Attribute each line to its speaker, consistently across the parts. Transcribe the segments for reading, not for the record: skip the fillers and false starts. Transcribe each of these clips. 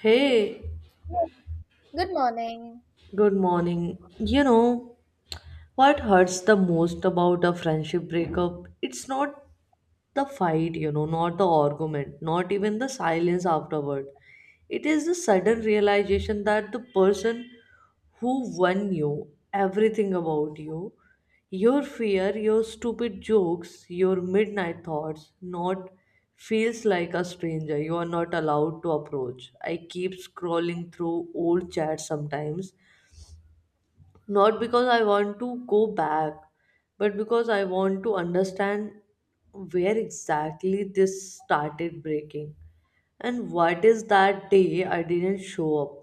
Speaker 1: Hey,
Speaker 2: Good morning.
Speaker 1: good morning. What hurts the most about a friendship breakup? It's not the fight, not the argument, not even the silence afterward. It is the sudden realization that the person who won you, everything about you, your fear, your stupid jokes, your midnight thoughts, not feels like a stranger you are not allowed to approach. I keep scrolling through old chats sometimes. Not because I want to go back, but because I want to understand where exactly this started breaking. And what is that day I didn't show up?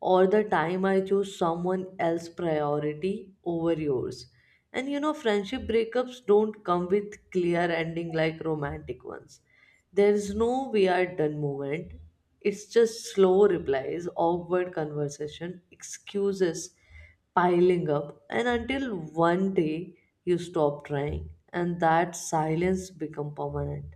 Speaker 1: Or the time I chose someone else's priority over yours? Friendship breakups don't come with clear ending like romantic ones. There is no we are done moment. It's just slow replies, awkward conversation, excuses piling up, and until one day you stop trying, and that silence become permanent.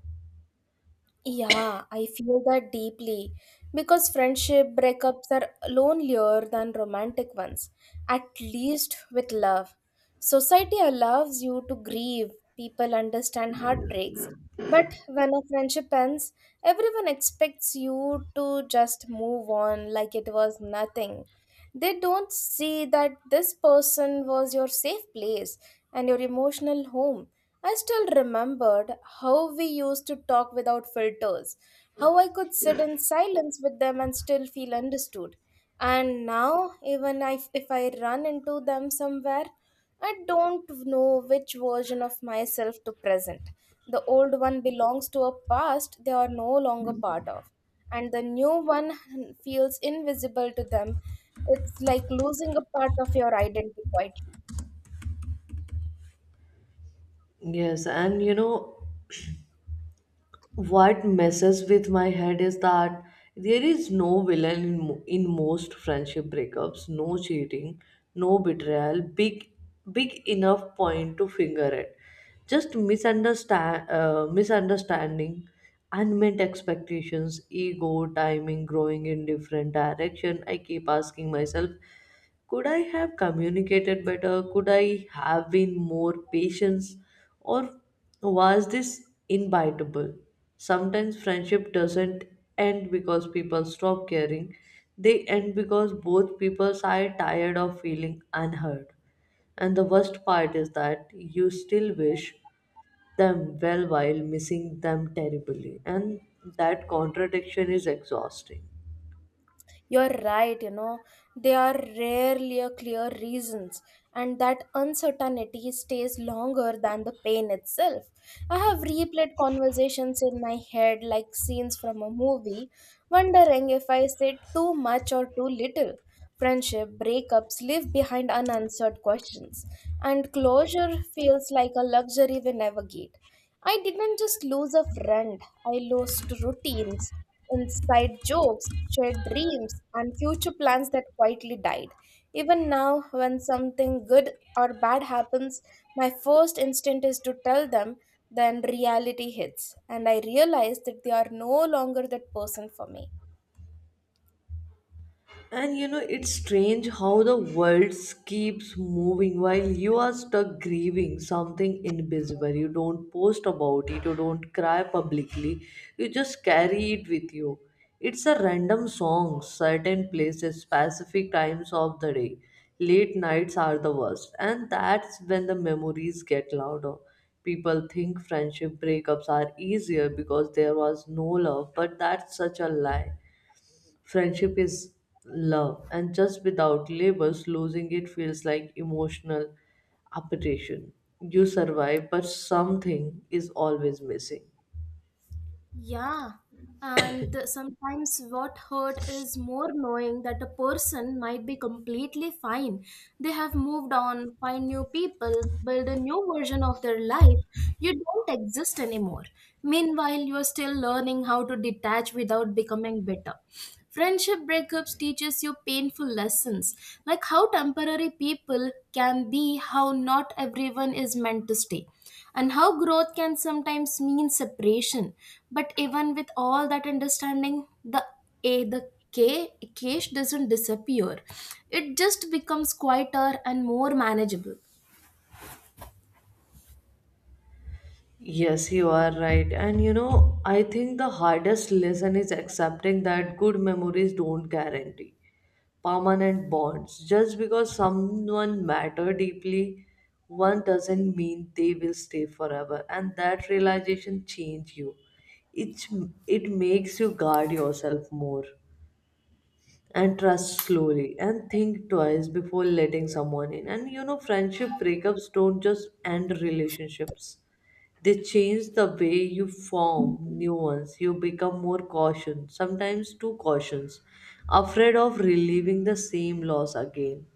Speaker 2: Yeah, I feel that deeply because friendship breakups are lonelier than romantic ones, at least with love. Society allows you to grieve, people understand heartbreaks, but when a friendship ends, everyone expects you to just move on like it was nothing. They don't see that this person was your safe place and your emotional home. I still remembered how we used to talk without filters, how I could sit in silence with them and still feel understood. And now, even if I run into them somewhere, I don't know which version of myself to present. The old one belongs to a past they are no longer part of, and the new one feels invisible to them. It's like losing a part of your identity quietly.
Speaker 1: Yes, what messes with my head is that there is no villain in most friendship breakups, no cheating, no betrayal big big enough point to finger it, just misunderstanding, unmet expectations, ego, timing, growing in different direction. I keep asking myself, could I have communicated better, could I have been more patient, or was this inevitable? Sometimes friendship doesn't end because people stop caring, they end because both people are tired of feeling unheard. And the worst part is that you still wish them well while missing them terribly, and that contradiction is exhausting.
Speaker 2: You're right, you know, there are rarely a clear reasons, and that uncertainty stays longer than the pain itself. I have replayed conversations in my head like scenes from a movie, wondering if I said too much or too little. Friendship breakups leave behind unanswered questions, and closure feels like a luxury we never get. I didn't just lose a friend, I lost routines inside jokes, shared dreams, and future plans that quietly died. Even now, when something good or bad happens, my first instinct is to tell them, then reality hits, and I realize that they are no longer that person for me.
Speaker 1: It's strange how the world keeps moving while you are stuck grieving something invisible. You don't post about it, you don't cry publicly, you just carry it with you. It's a random song, certain places, specific times of the day. Late nights are the worst, and that's when the memories get louder. People think friendship breakups are easier because there was no love, but that's such a lie. Friendship is love, and just without labels, losing it feels like emotional appreciation. You survive, but something is always missing.
Speaker 2: Yeah, and sometimes what hurt is more knowing that a person might be completely fine. They have moved on, find new people, build a new version of their life. You don't exist anymore. Meanwhile, you are still learning how to detach without becoming bitter. Friendship breakups teaches you painful lessons, like how temporary people can be, how not everyone is meant to stay, and how growth can sometimes mean separation. But even with all that understanding, the cache doesn't disappear. It just becomes quieter and more manageable.
Speaker 1: Yes, you are right. I think the hardest lesson is accepting that good memories don't guarantee permanent bonds. Just because someone matter deeply, one doesn't mean they will stay forever. And that realization change you. It, it makes you guard yourself more and trust slowly and think twice before letting someone in. And you know Friendship breakups don't just end relationships, they change the way you form new ones. You become more cautious, sometimes too cautious, afraid of relieving the same loss again.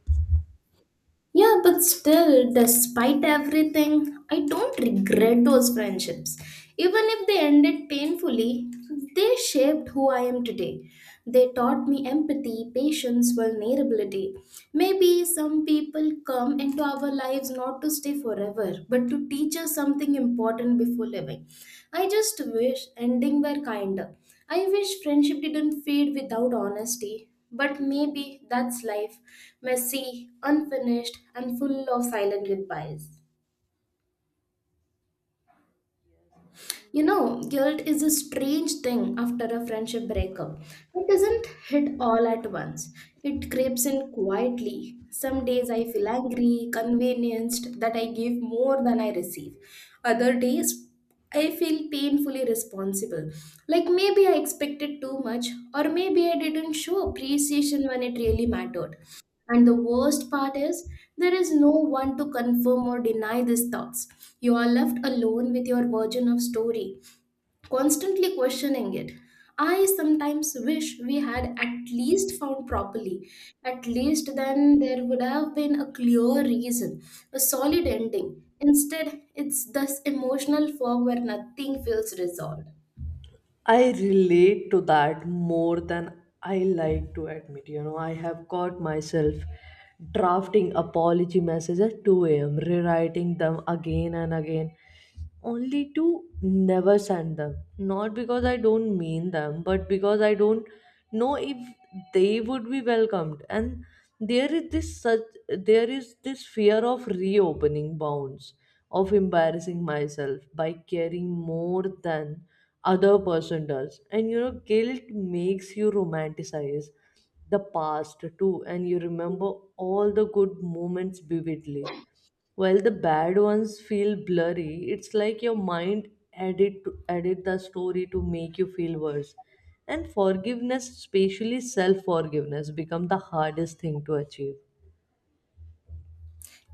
Speaker 2: Yeah, but still, despite everything, I don't regret those friendships. Even if they ended painfully, they shaped who I am today. They taught me empathy, patience, vulnerability. Maybe some people come into our lives not to stay forever, but to teach us something important before leaving. I just wish ending were kinder. I wish friendship didn't fade without honesty, but maybe that's life messy, unfinished, and full of silent goodbyes.
Speaker 1: And you
Speaker 2: You
Speaker 1: know,
Speaker 2: know, guilt is a strange thing after a friendship breakup. It doesn't hit all at once, it creeps in quietly. Some days I feel angry, convenienced that I gave more than I receive. Other days I feel painfully responsible. Like maybe I expected too much, or maybe I didn't show appreciation when it really mattered. And the worst part is, there is no one to confirm or deny these thoughts. You are left alone with your version of story, constantly questioning it. I sometimes wish we had at least found properly. At least then there would have been a clear reason, a solid ending. Instead, it's this emotional fog where nothing feels resolved.
Speaker 1: I relate to that more than I like to admit. I have caught myself drafting apology messages at 2 a.m., rewriting them again and again, only to never send them. Not because I don't mean them, but because I don't know if they would be welcomed. And there is this such there is this fear of reopening bounds, of embarrassing myself by caring more than other person does. And you know Guilt makes you romanticize the past too, and you remember all the good moments vividly while the bad ones feel blurry. It's like your mind edit edit the story to make you feel worse, and forgiveness, especially self forgiveness, become the hardest thing to achieve.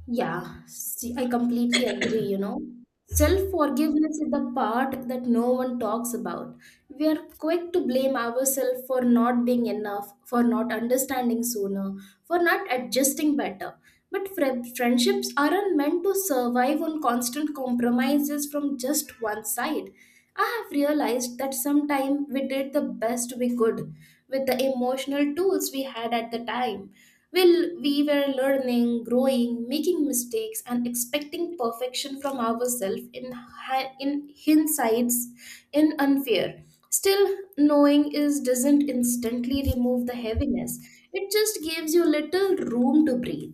Speaker 2: Yeah, see, I completely agree, you know. Self-forgiveness is the part that no one talks about. We are quick to blame ourselves for not being enough, for not understanding sooner, for not adjusting better. But friendships aren't meant to survive on constant compromises from just one side. I have realized that sometime we did the best we could with the emotional tools we had at the time well, we were learning, growing, making mistakes, and expecting perfection from ourselves in hindsight's in unfair. Still, knowing is doesn't instantly remove the heaviness. It just gives you little room to breathe.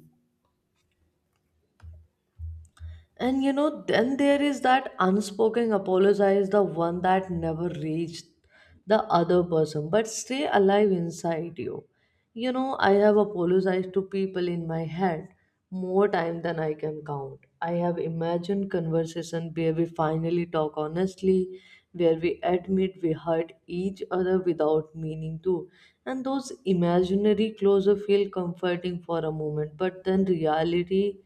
Speaker 1: Then there is that unspoken apologize, the one that never reached the other person, but stay alive inside you. I have apologized to people in my head more time than I can count. I have imagined conversation where we finally talk honestly, where we admit we hurt each other without meaning to. And those imaginary closure feel comforting for a moment, but then reality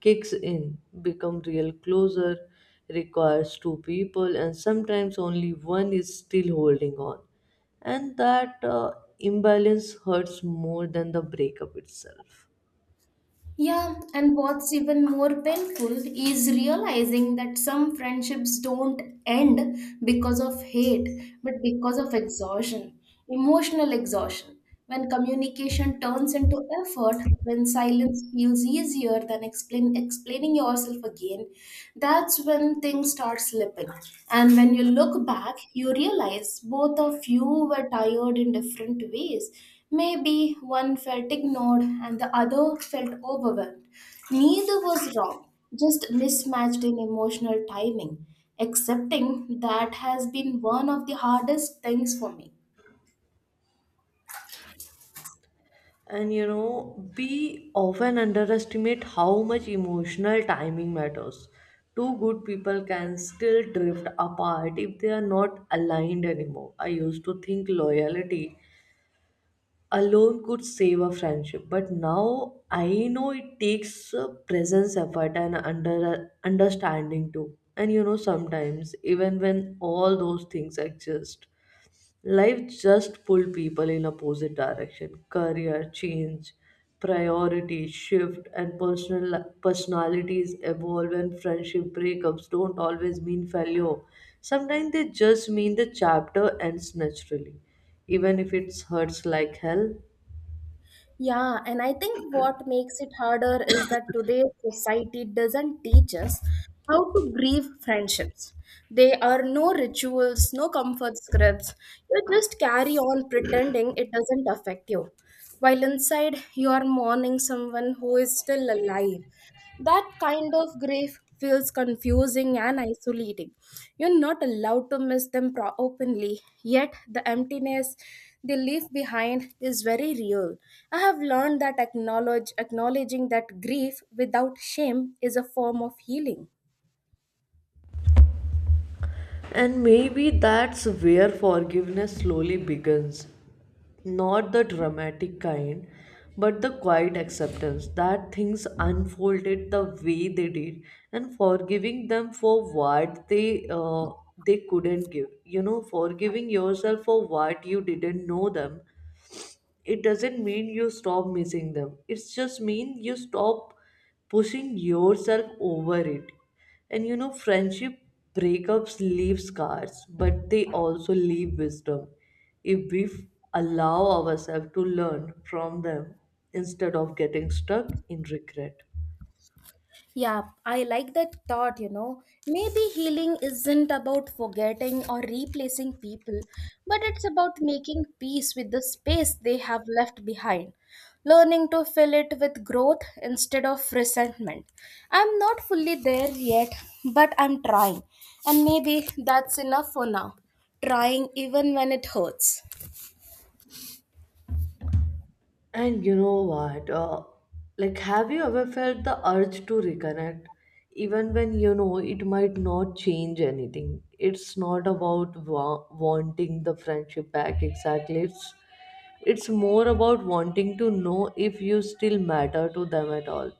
Speaker 1: kicks in, become real closer, requires two people, and sometimes only one is still holding on. And that imbalance hurts more than the breakup itself.
Speaker 2: Yeah, and what's even more painful is realizing that some friendships don't end because of hate, but because of exhaustion, emotional exhaustion. When communication turns into effort, when silence feels easier than explaining yourself again, that's when things start slipping. And when you look back, you realize both of you were tired in different ways. Maybe one felt ignored and the other felt overwhelmed. Neither was wrong, just mismatched in emotional timing. Accepting that has been one of the hardest things for me.
Speaker 1: We often underestimate how much emotional timing matters. Two good people can still drift apart if they are not aligned anymore. I used to think loyalty alone could save a friendship, but now I know it takes presence, effort and under understanding too. And you know Sometimes even when all those things exist, life just pull people in opposite direction, career change, priorities shift, and personal personalities evolve. And friendship breakups don't always mean failure, sometimes they just mean the chapter ends naturally, even if it hurts like hell.
Speaker 2: Yeah, and I think what makes it harder is that today's society doesn't teach us how to grieve friendships. There are no rituals, no comfort scripts. You just carry on pretending it doesn't affect you. While inside, you are mourning someone who is still alive. That kind of grief feels confusing and isolating. You're not allowed to miss them openly, yet, the emptiness they leave behind is very real. I have learned that acknowledging that grief without shame is a form of healing.
Speaker 1: And maybe that's where forgiveness slowly begins. Not the dramatic kind, but the quiet acceptance that things unfolded the way they did, and forgiving them for what they couldn't give. You know, forgiving yourself for what you didn't know them, it doesn't mean you stop missing them. It's just mean you stop pushing yourself over it. Friendship breakups leave scars, but they also leave wisdom if we allow ourselves to learn from them instead of getting stuck in regret.
Speaker 2: Yeah, I like that thought, you know. Maybe healing isn't about forgetting or replacing people, but it's about making peace with the space they have left behind, learning to fill it with growth instead of resentment. I'm not fully there yet, but I'm trying, and maybe that's enough for now. Trying even when it hurts.
Speaker 1: And you know what? Have you ever felt the urge to reconnect? Even when you know it might not change anything. It's not about wanting the friendship back exactly. It's more about wanting to know if you still matter to them at all.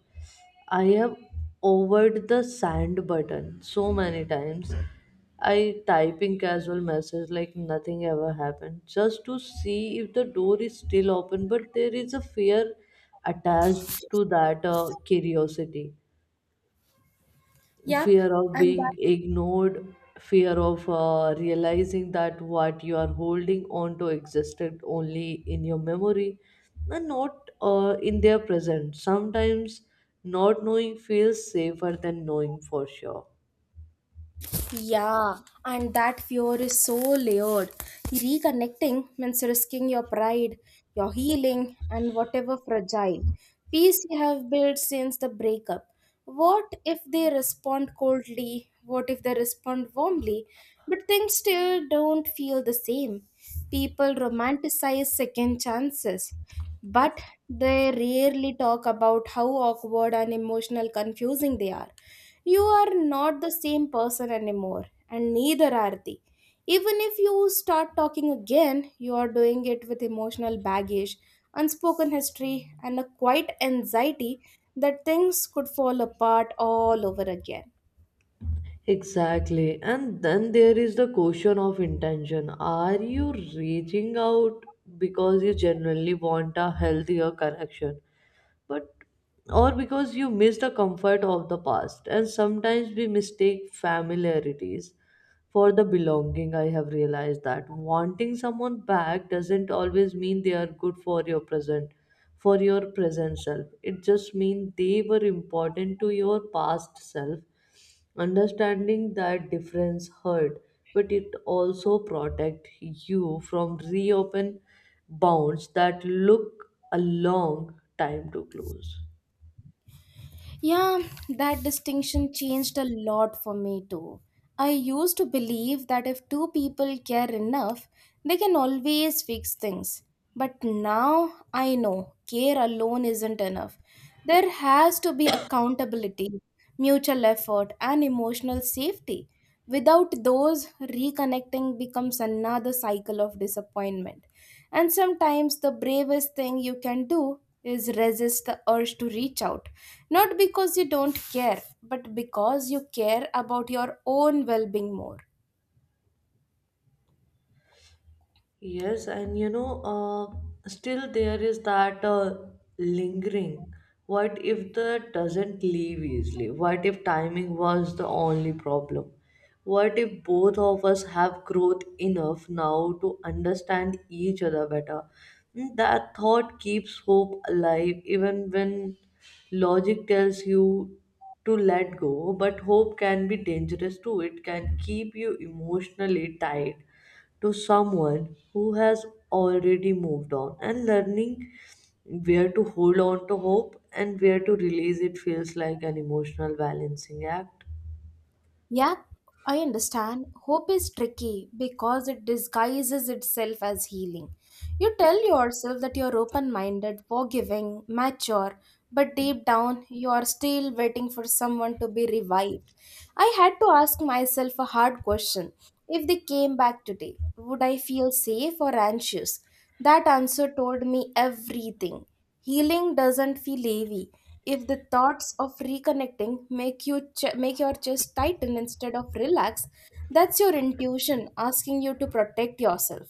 Speaker 1: I have overed the send button so many times. I typing casual message like nothing ever happened just to see if the door is still open, but there is a fear attached to that curiosity,
Speaker 2: Yep,
Speaker 1: fear of
Speaker 2: and
Speaker 1: being ignored, fear of realizing that what you are holding on to existed only in your memory and not in their present. Sometimes not knowing feels safer than knowing for sure.
Speaker 2: yeah, and that fear is so layered. Reconnecting means risking your pride, your healing, and whatever fragile peace you have built since the breakup. What if they respond coldly? What if they respond warmly? But things still don't feel the same. People romanticize second chances, but they rarely talk about how awkward and emotional confusing they are. You are not the same person anymore, and neither are they. Even if you start talking again, you are doing it with emotional baggage, unspoken history, and a quiet anxiety that things could fall apart all over again.
Speaker 1: Exactly. And then there is the question of intention. Are you reaching out because you genuinely want a healthier connection? But Or because you miss the comfort of the past? And sometimes we mistake familiarities for the belonging. I have realized that wanting someone back doesn't always mean they are good for your present self. It just means they were important to your past self. Understanding that difference hurt, but it also protect you from reopen bounds that look a long time to close.
Speaker 2: Yeah, that distinction changed a lot for me too. I used to believe that if two people care enough, they can always fix things. But now I know care alone isn't enough. There has to be accountability, mutual effort, and emotional safety. Without those, reconnecting becomes another cycle of disappointment. And sometimes the bravest thing you can do is resist the urge to reach out. Not because you don't care, but because you care about your own well being more.
Speaker 1: Yes, still there is that lingering. What if that doesn't leave easily? What if timing was the only problem? What if both of us have growth enough now to understand each other better? Mm, that thought keeps hope alive even when logic tells you to let go, but hope can be dangerous too. It can keep you emotionally tied to someone who has already moved on. And learning where to hold on to hope and where to release it feels like an emotional balancing act.
Speaker 2: Yep, I understand. Hope is tricky because it disguises itself as healing. You tell yourself that you're open minded, forgiving, mature, but deep down you are still waiting for someone to be revived. I had to ask myself a hard question: if they came back today, would I feel safe or anxious? That answer told me everything. Healing doesn't feel heavy if the thoughts of reconnecting make your chest tighten instead of relax. That's your intuition asking you to protect yourself.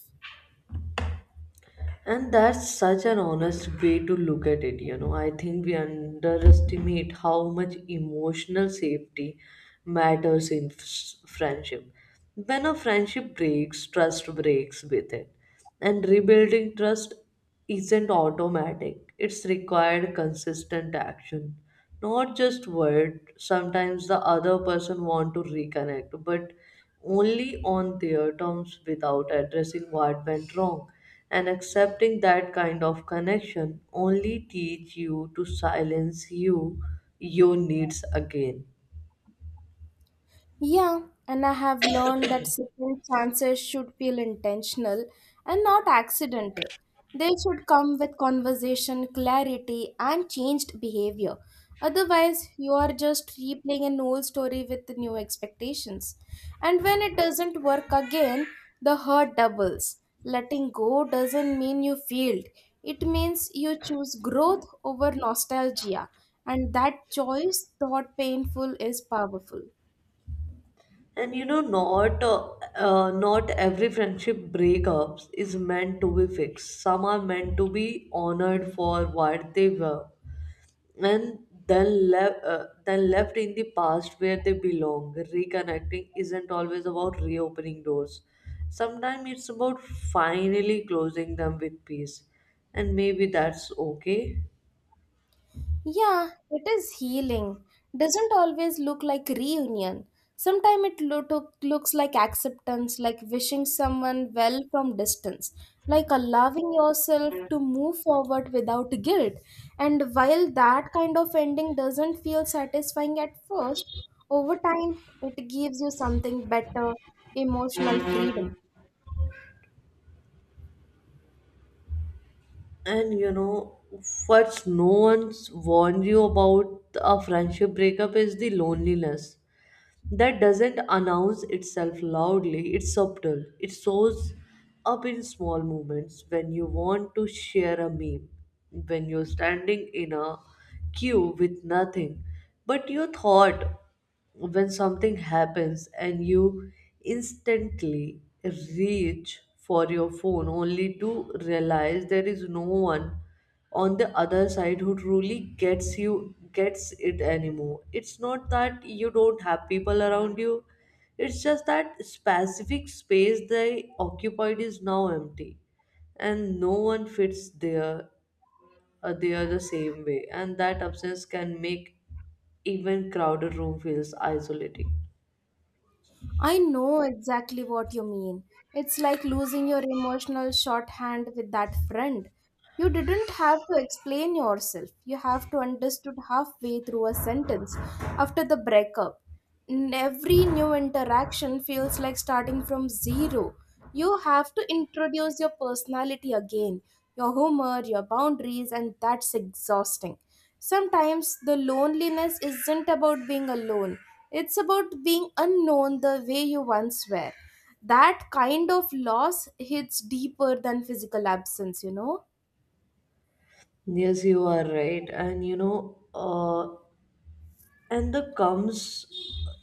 Speaker 1: And that's such an honest way to look at it. You know, I think we underestimate how much emotional safety matters in friendship. When a friendship breaks, trust breaks with it. And rebuilding trust isn't automatic, it's required consistent action. Not just word. Sometimes the other person want to reconnect, but only on their terms without addressing what went wrong. And accepting that kind of connection only teach you to silence you your needs again.
Speaker 2: Yeah, and I have learned that second chances should feel intentional and not accidental. They should come with conversation, clarity, and changed behavior. Otherwise, you are just replaying an old story with new expectations. And when it doesn't work again, the hurt doubles. Letting go doesn't mean you failed, it means you choose growth over nostalgia. And that choice, thought painful, is powerful.
Speaker 1: And you know, not Not every friendship breakups is meant to be fixed. Some are meant to be honored for what they were and then left in the past where they belong. Reconnecting isn't always about reopening doors. Sometimes it's about finally closing them with peace. And maybe that's okay.
Speaker 2: Yeah, it is healing. Doesn't always look like reunion. Sometimes it looks like acceptance, like wishing someone well from distance, like allowing yourself to move forward without guilt. And while that kind of ending doesn't feel satisfying at first, over time it gives you something better, emotional freedom.
Speaker 1: And you know, what no one's warned you about a friendship breakup is the loneliness. That doesn't announce itself loudly, it's subtle. It shows up in small moments, when you want to share a meme, when you're standing in a queue with nothing but your thought, when something happens and you instantly reach for your phone only to realize there is no one on the other side who truly gets you gets it anymore. It's not that you don't have people around you, it's just that specific space they occupied is now empty, and no one fits there there the same way. And that absence can make even crowded room feels isolating.
Speaker 2: I know exactly what you mean. It's like losing your emotional shorthand with that friend. You didn't have to explain yourself. You have to understood halfway through a sentence after the breakup. And every new interaction feels like starting from zero. You have to introduce your personality again, your humor, your boundaries, and that's exhausting. Sometimes the loneliness isn't about being alone. It's about being unknown the way you once were. That kind of loss hits deeper than physical absence, you know.
Speaker 1: Yes, you are right. and you know and the comes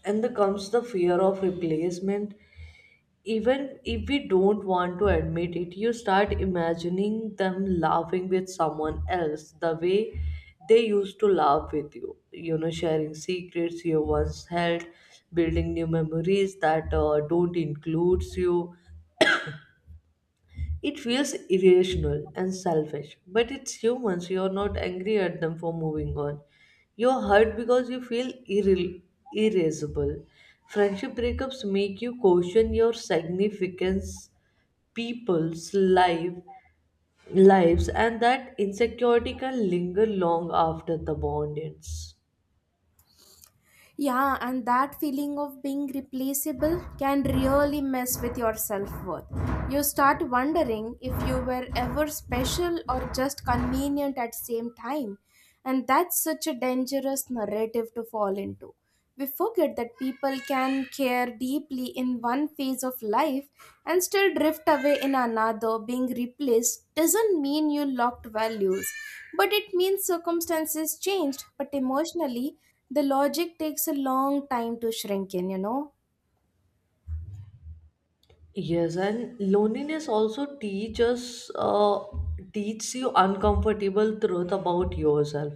Speaker 1: and the comes the fear of replacement. Even if we don't want to admit it, you start imagining them laughing with someone else the way they used to laugh with you. You know, sharing secrets you once held, building new memories that don't include you. It feels irrational and selfish, but it's humans. You're not angry at them for moving on. You're hurt because you feel irascible. Friendship breakups make you question your significance people's lives, and that insecurity can linger long after the bond ends.
Speaker 2: Yeah, and that feeling of being replaceable can really mess with your self-worth. You start wondering if you were ever special or just convenient at the same time, and that's such a dangerous narrative to fall into. We forget that people can care deeply in one phase of life and still drift away in another. Being replaced doesn't mean you locked values, but it means circumstances changed. But emotionally, the logic takes a long time to shrink in, you know.
Speaker 1: Yes, and loneliness also teaches you uncomfortable truth about yourself.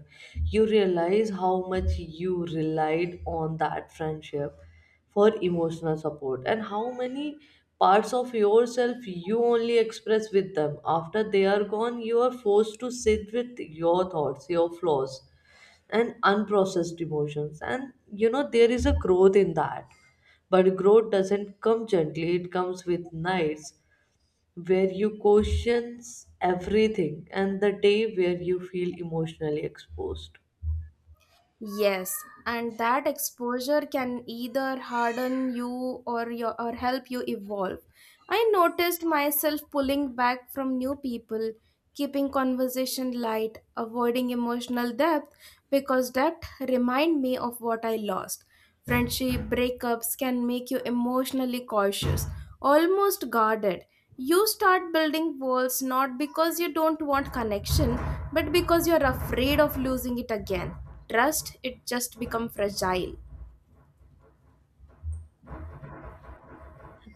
Speaker 1: You realize how much you relied on that friendship for emotional support and how many parts of yourself you only express with them. After they are gone, you are forced to sit with your thoughts, your flaws and unprocessed emotions, and you know there is a growth in that, but growth doesn't come gently. It comes with nights where you question everything and the day where you feel emotionally exposed.
Speaker 2: Yes, and that exposure can either harden you or help you evolve. I noticed myself pulling back from new people, keeping conversation light, avoiding emotional depth because depth remind me of what I lost. Friendship breakups can make you emotionally cautious, almost guarded. You start building walls not because you don't want connection, but because you're afraid of losing it again. Trust, it just become fragile.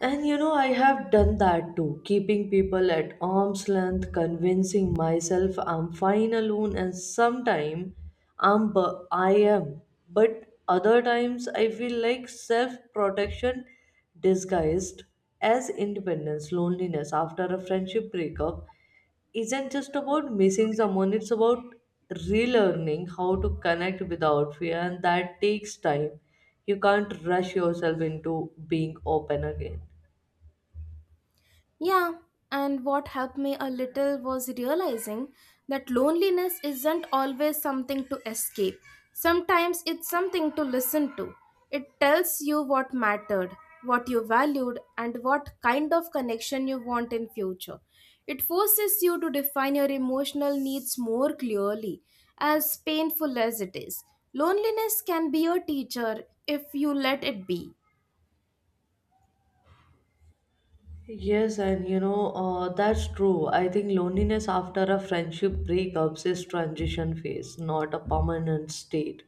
Speaker 1: And you know, I have done that too, keeping people at arm's length, convincing myself I'm fine alone, and sometimes I am. But other times I feel like self protection disguised as independence. Loneliness after a friendship breakup isn't just about missing someone, it's about relearning how to connect without fear, and that takes time. You can't rush yourself into being open again.
Speaker 2: Yeah, and what helped me a little was realizing that loneliness isn't always something to escape. Sometimes it's something to listen to. It tells you what mattered, what you valued, and what kind of connection you want in future. It forces you to define your emotional needs more clearly, as painful as it is. Loneliness can be your teacher if you let it be.
Speaker 1: Yes, and you know, that's true. I think loneliness after a friendship breakups is transition phase, not a permanent state.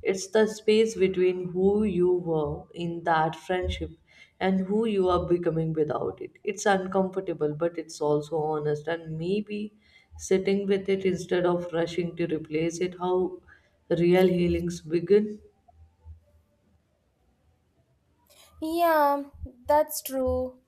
Speaker 1: It's the space between who you were in that friendship and who you are becoming without it. It's uncomfortable, but it's also honest. And maybe sitting with it instead of rushing to replace it, how real healings begin.
Speaker 2: Yeah, that's true.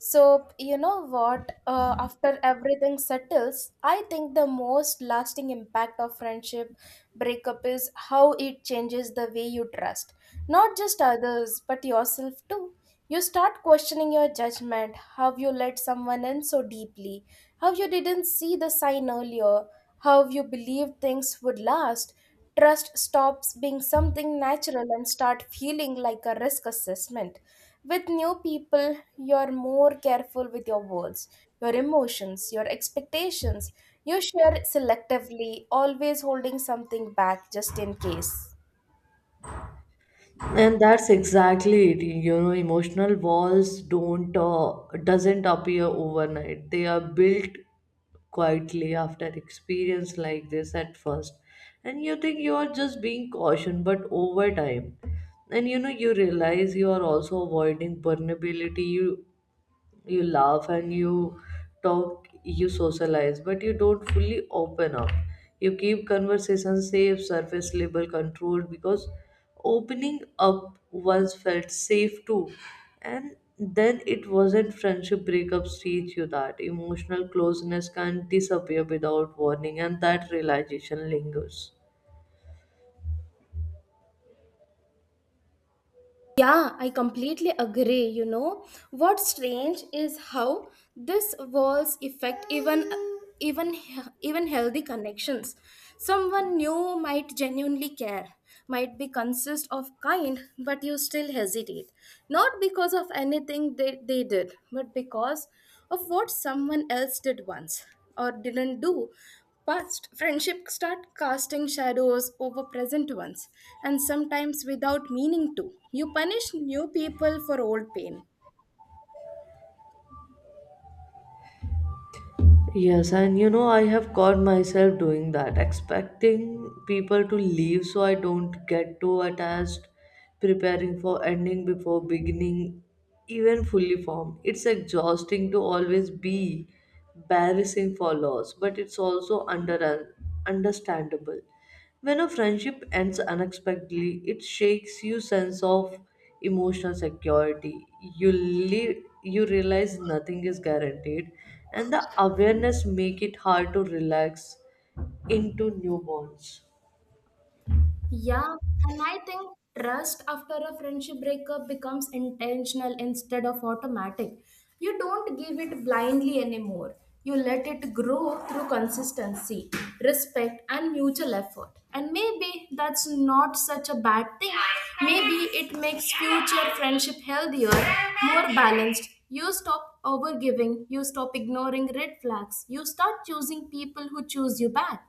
Speaker 2: So, you know what? After everything settles, I think the most lasting impact of friendship breakup is how it changes the way you trust, not just others, but yourself too. You start questioning your judgment, how you let someone in so deeply, how you didn't see the sign earlier, how you believed things would last. Trust stops being something natural and start feeling like a risk assessment. With new people, you're more careful with your words, your emotions, your expectations. You share selectively, always holding something back just in case.
Speaker 1: And that's exactly it. You know, emotional walls don't doesn't appear overnight. They are built quietly after experience like this at first, and you think you are just being cautioned, but over time, and you know you realize you are also avoiding vulnerability. You laugh and you talk, you socialize, but you don't fully open up. You keep conversation safe, surface level, controlled, because opening up once felt safe too, and then it wasn't. Friendship breakups teach you that emotional closeness can disappear without warning, and that realization lingers.
Speaker 2: Yeah, I completely agree. You know, what's strange is how this walls affect even even healthy connections. Someone new might genuinely care, might be consist of kind, but you still hesitate. Not because of anything they did, but because of what someone else did once or didn't do. Past friendship start casting shadows over present ones, and sometimes without meaning to, you punish new people for old pain.
Speaker 1: Yes, and you know, I have caught myself doing that, expecting people to leave so I don't get too attached, preparing for ending before beginning, even fully formed. It's exhausting to always be embarrassing for loss, but it's also understandable. When a friendship ends unexpectedly, it shakes your sense of emotional security. You realize nothing is guaranteed, and the awareness make it hard to relax into new bonds.
Speaker 2: Yeah, and I think trust after a friendship breakup becomes intentional instead of automatic. You don't give it blindly anymore. You let it grow through consistency, respect, and mutual effort. And maybe that's not such a bad thing. Maybe it makes future friendship healthier, more balanced. You stop overgiving, you stop ignoring red flags, you start choosing people who choose you back.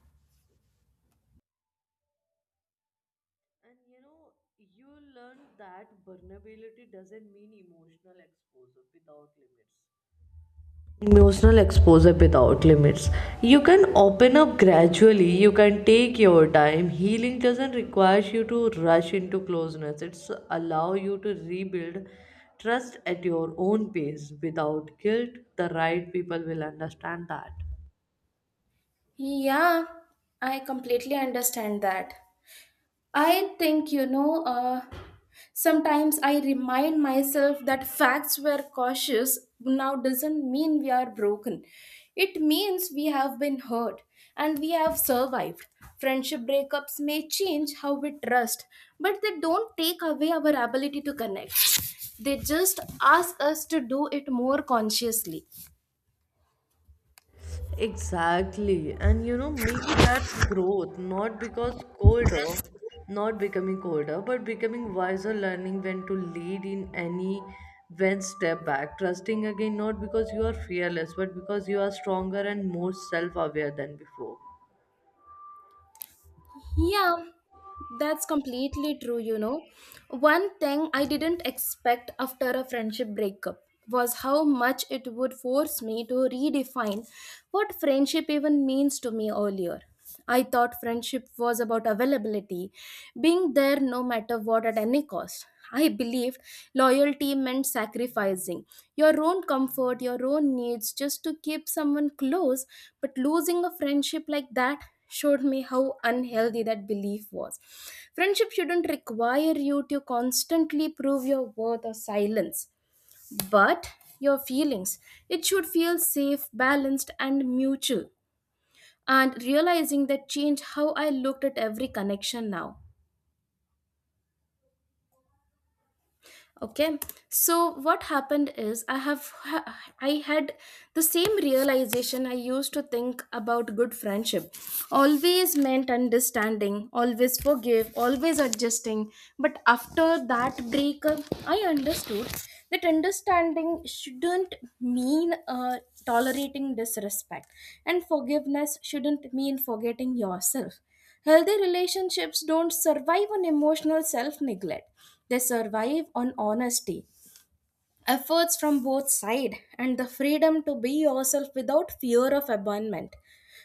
Speaker 1: And you know, you learn that vulnerability doesn't mean emotional exposure without limits. emotional exposure without limits you can open up gradually, you can take your time. Healing doesn't require you to rush into closeness, it's allow you to rebuild trust at your own pace without guilt. The right people will understand that.
Speaker 2: Yeah, I completely understand that. I think, you know, sometimes I remind myself that facts were cautious now doesn't mean we are broken. It means we have been hurt and we have survived. Friendship breakups may change how we trust, but they don't take away our ability to connect. They just ask us to do it more consciously.
Speaker 1: Exactly. And you know, maybe that's growth, not because colder, not becoming colder, but becoming wiser, learning when to lead in any, when step back, trusting again, not because you are fearless, but because you are stronger and more self aware than before.
Speaker 2: Yeah, that's completely true, you know. One thing I didn't expect after a friendship breakup was how much it would force me to redefine what friendship even means to me earlier. I thought friendship was about availability, being there no matter what at any cost. I believed loyalty meant sacrificing your own comfort, your own needs just to keep someone close, but losing a friendship like that showed me how unhealthy that belief was. Friendship shouldn't require you to constantly prove your worth or silence, but your feelings. It should feel safe, balanced, and mutual. And realizing that changed how I looked at every connection now. Okay, so what happened is I had the same realization. I used to think about good friendship always meant understanding, always forgive, always adjusting, but after that breakup I understood that understanding shouldn't mean tolerating disrespect, and forgiveness shouldn't mean forgetting yourself. Healthy relationships don't survive on emotional self neglect, they survive on honesty, efforts from both sides, and the freedom to be yourself without fear of abandonment.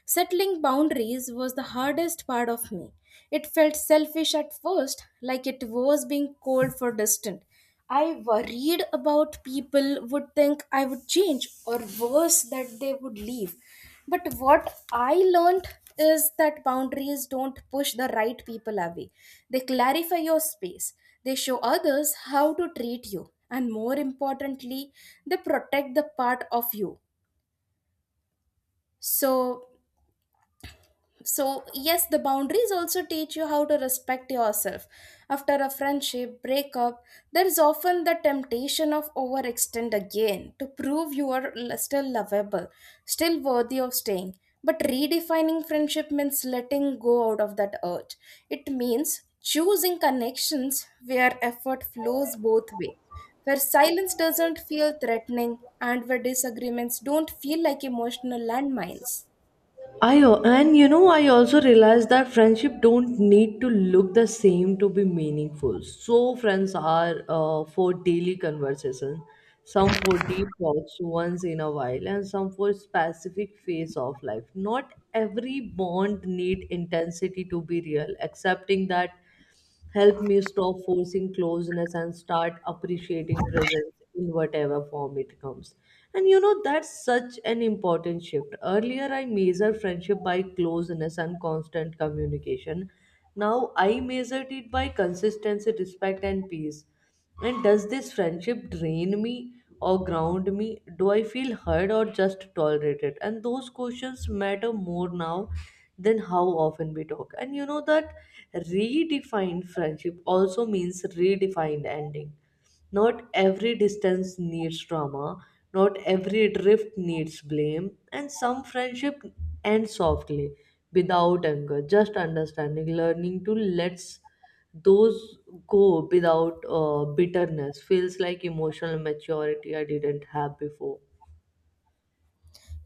Speaker 2: Settling boundaries was the hardest part of me. It felt selfish at first, like it was being cold for distant. I worried about people would think I would change, or worse, that they would leave. But what I learned is that boundaries don't push the right people away, they clarify your space, they show others how to treat you, and more importantly, they protect the part of you. So, so yes, the boundaries also teach you how to respect yourself. After a friendship breakup there is often the temptation of overextend again to prove you are still lovable, still worthy of staying, but redefining friendship means letting go out of that urge. It means choosing connections where effort flows both ways, where silence doesn't feel threatening and where disagreements don't feel like emotional landmines.
Speaker 1: And you know, I also realized that friendship don't need to look the same to be meaningful. So friends are for daily conversation, some for deep talks once in a while, and some for specific phase of life. Not every bond need intensity to be real. Accepting that help me stop forcing closeness and start appreciating presence in whatever form it comes. And you know, that's such an important shift. Earlier, I measured friendship by closeness and constant communication. Now, I measured it by consistency, respect, and peace. And does this friendship drain me or ground me? Do I feel hurt or just tolerated? And those questions matter more now than how often we talk. And you know that redefined friendship also means redefined ending. Not every distance needs drama, not every drift needs blame, and some friendship end softly without anger, just understanding. Learning to let those go without bitterness feels like emotional maturity I didn't have before.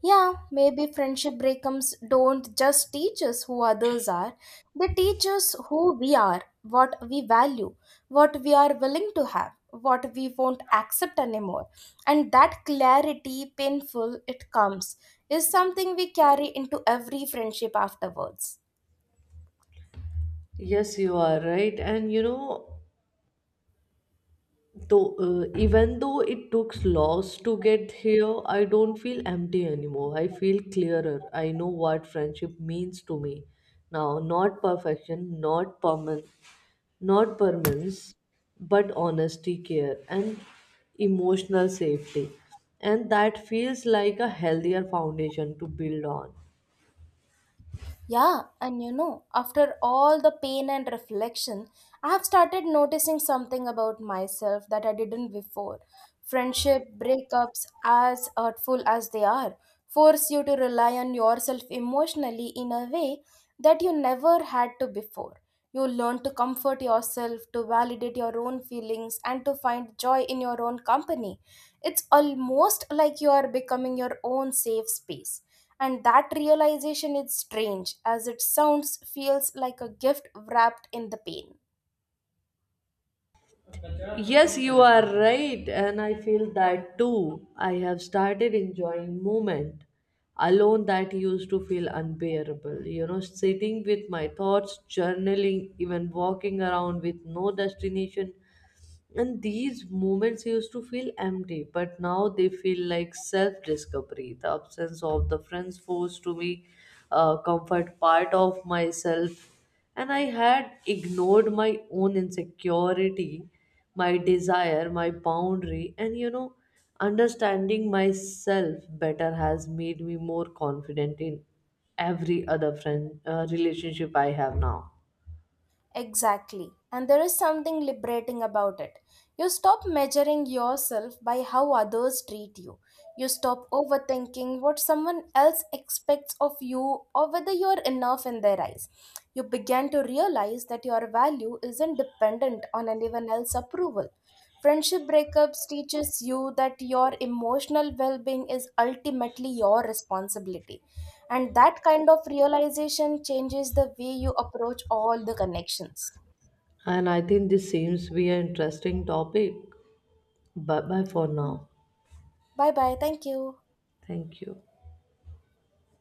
Speaker 2: Yeah, maybe friendship breakups don't just teach us who others are, they teach us who we are, what we value, what we are willing to have, what we won't accept anymore. And that clarity, painful it comes, is something we carry into every friendship afterwards.
Speaker 1: Yes, you are right. And you know, even though it took loss to get here, I don't feel empty anymore. I feel clearer. I know what friendship means to me now. Not perfection, not permanence, but honesty, care, and emotional safety. And that feels like a healthier foundation to build on.
Speaker 2: Yeah, and you know, after all the pain and reflection, I have started noticing something about myself that I didn't before. Friendship breakups, as hurtful as they are, force you to rely on yourself emotionally in a way that you never had to before. You learn to comfort yourself, to validate your own feelings, and to find joy in your own company. It's almost like you are becoming your own safe space, and that realization is strange, as it sounds, feels like a gift wrapped in the pain.
Speaker 1: Yes, you are right, and I feel that too. I have started enjoying movement alone that used to feel unbearable. You know, sitting with my thoughts, journaling, even walking around with no destination, and these moments used to feel empty, but now they feel like self discovery. The absence of the friends forced to me comfort part of myself, and I had ignored my own insecurity, my desire, my boundary. And you know, understanding myself better has made me more confident in every other friend relationship I have now.
Speaker 2: Exactly. And there is something liberating about it. You stop measuring yourself by how others treat you. You stop overthinking what someone else expects of you or whether you're enough in their eyes. You begin to realize that your value isn't dependent on anyone else's approval. Friendship breakups teaches you that your emotional well-being is ultimately your responsibility, and that kind of realization changes the way you approach all the connections.
Speaker 1: And I think this seems to be an interesting topic. Bye bye for now.
Speaker 2: Bye bye. Thank you.
Speaker 1: Thank you.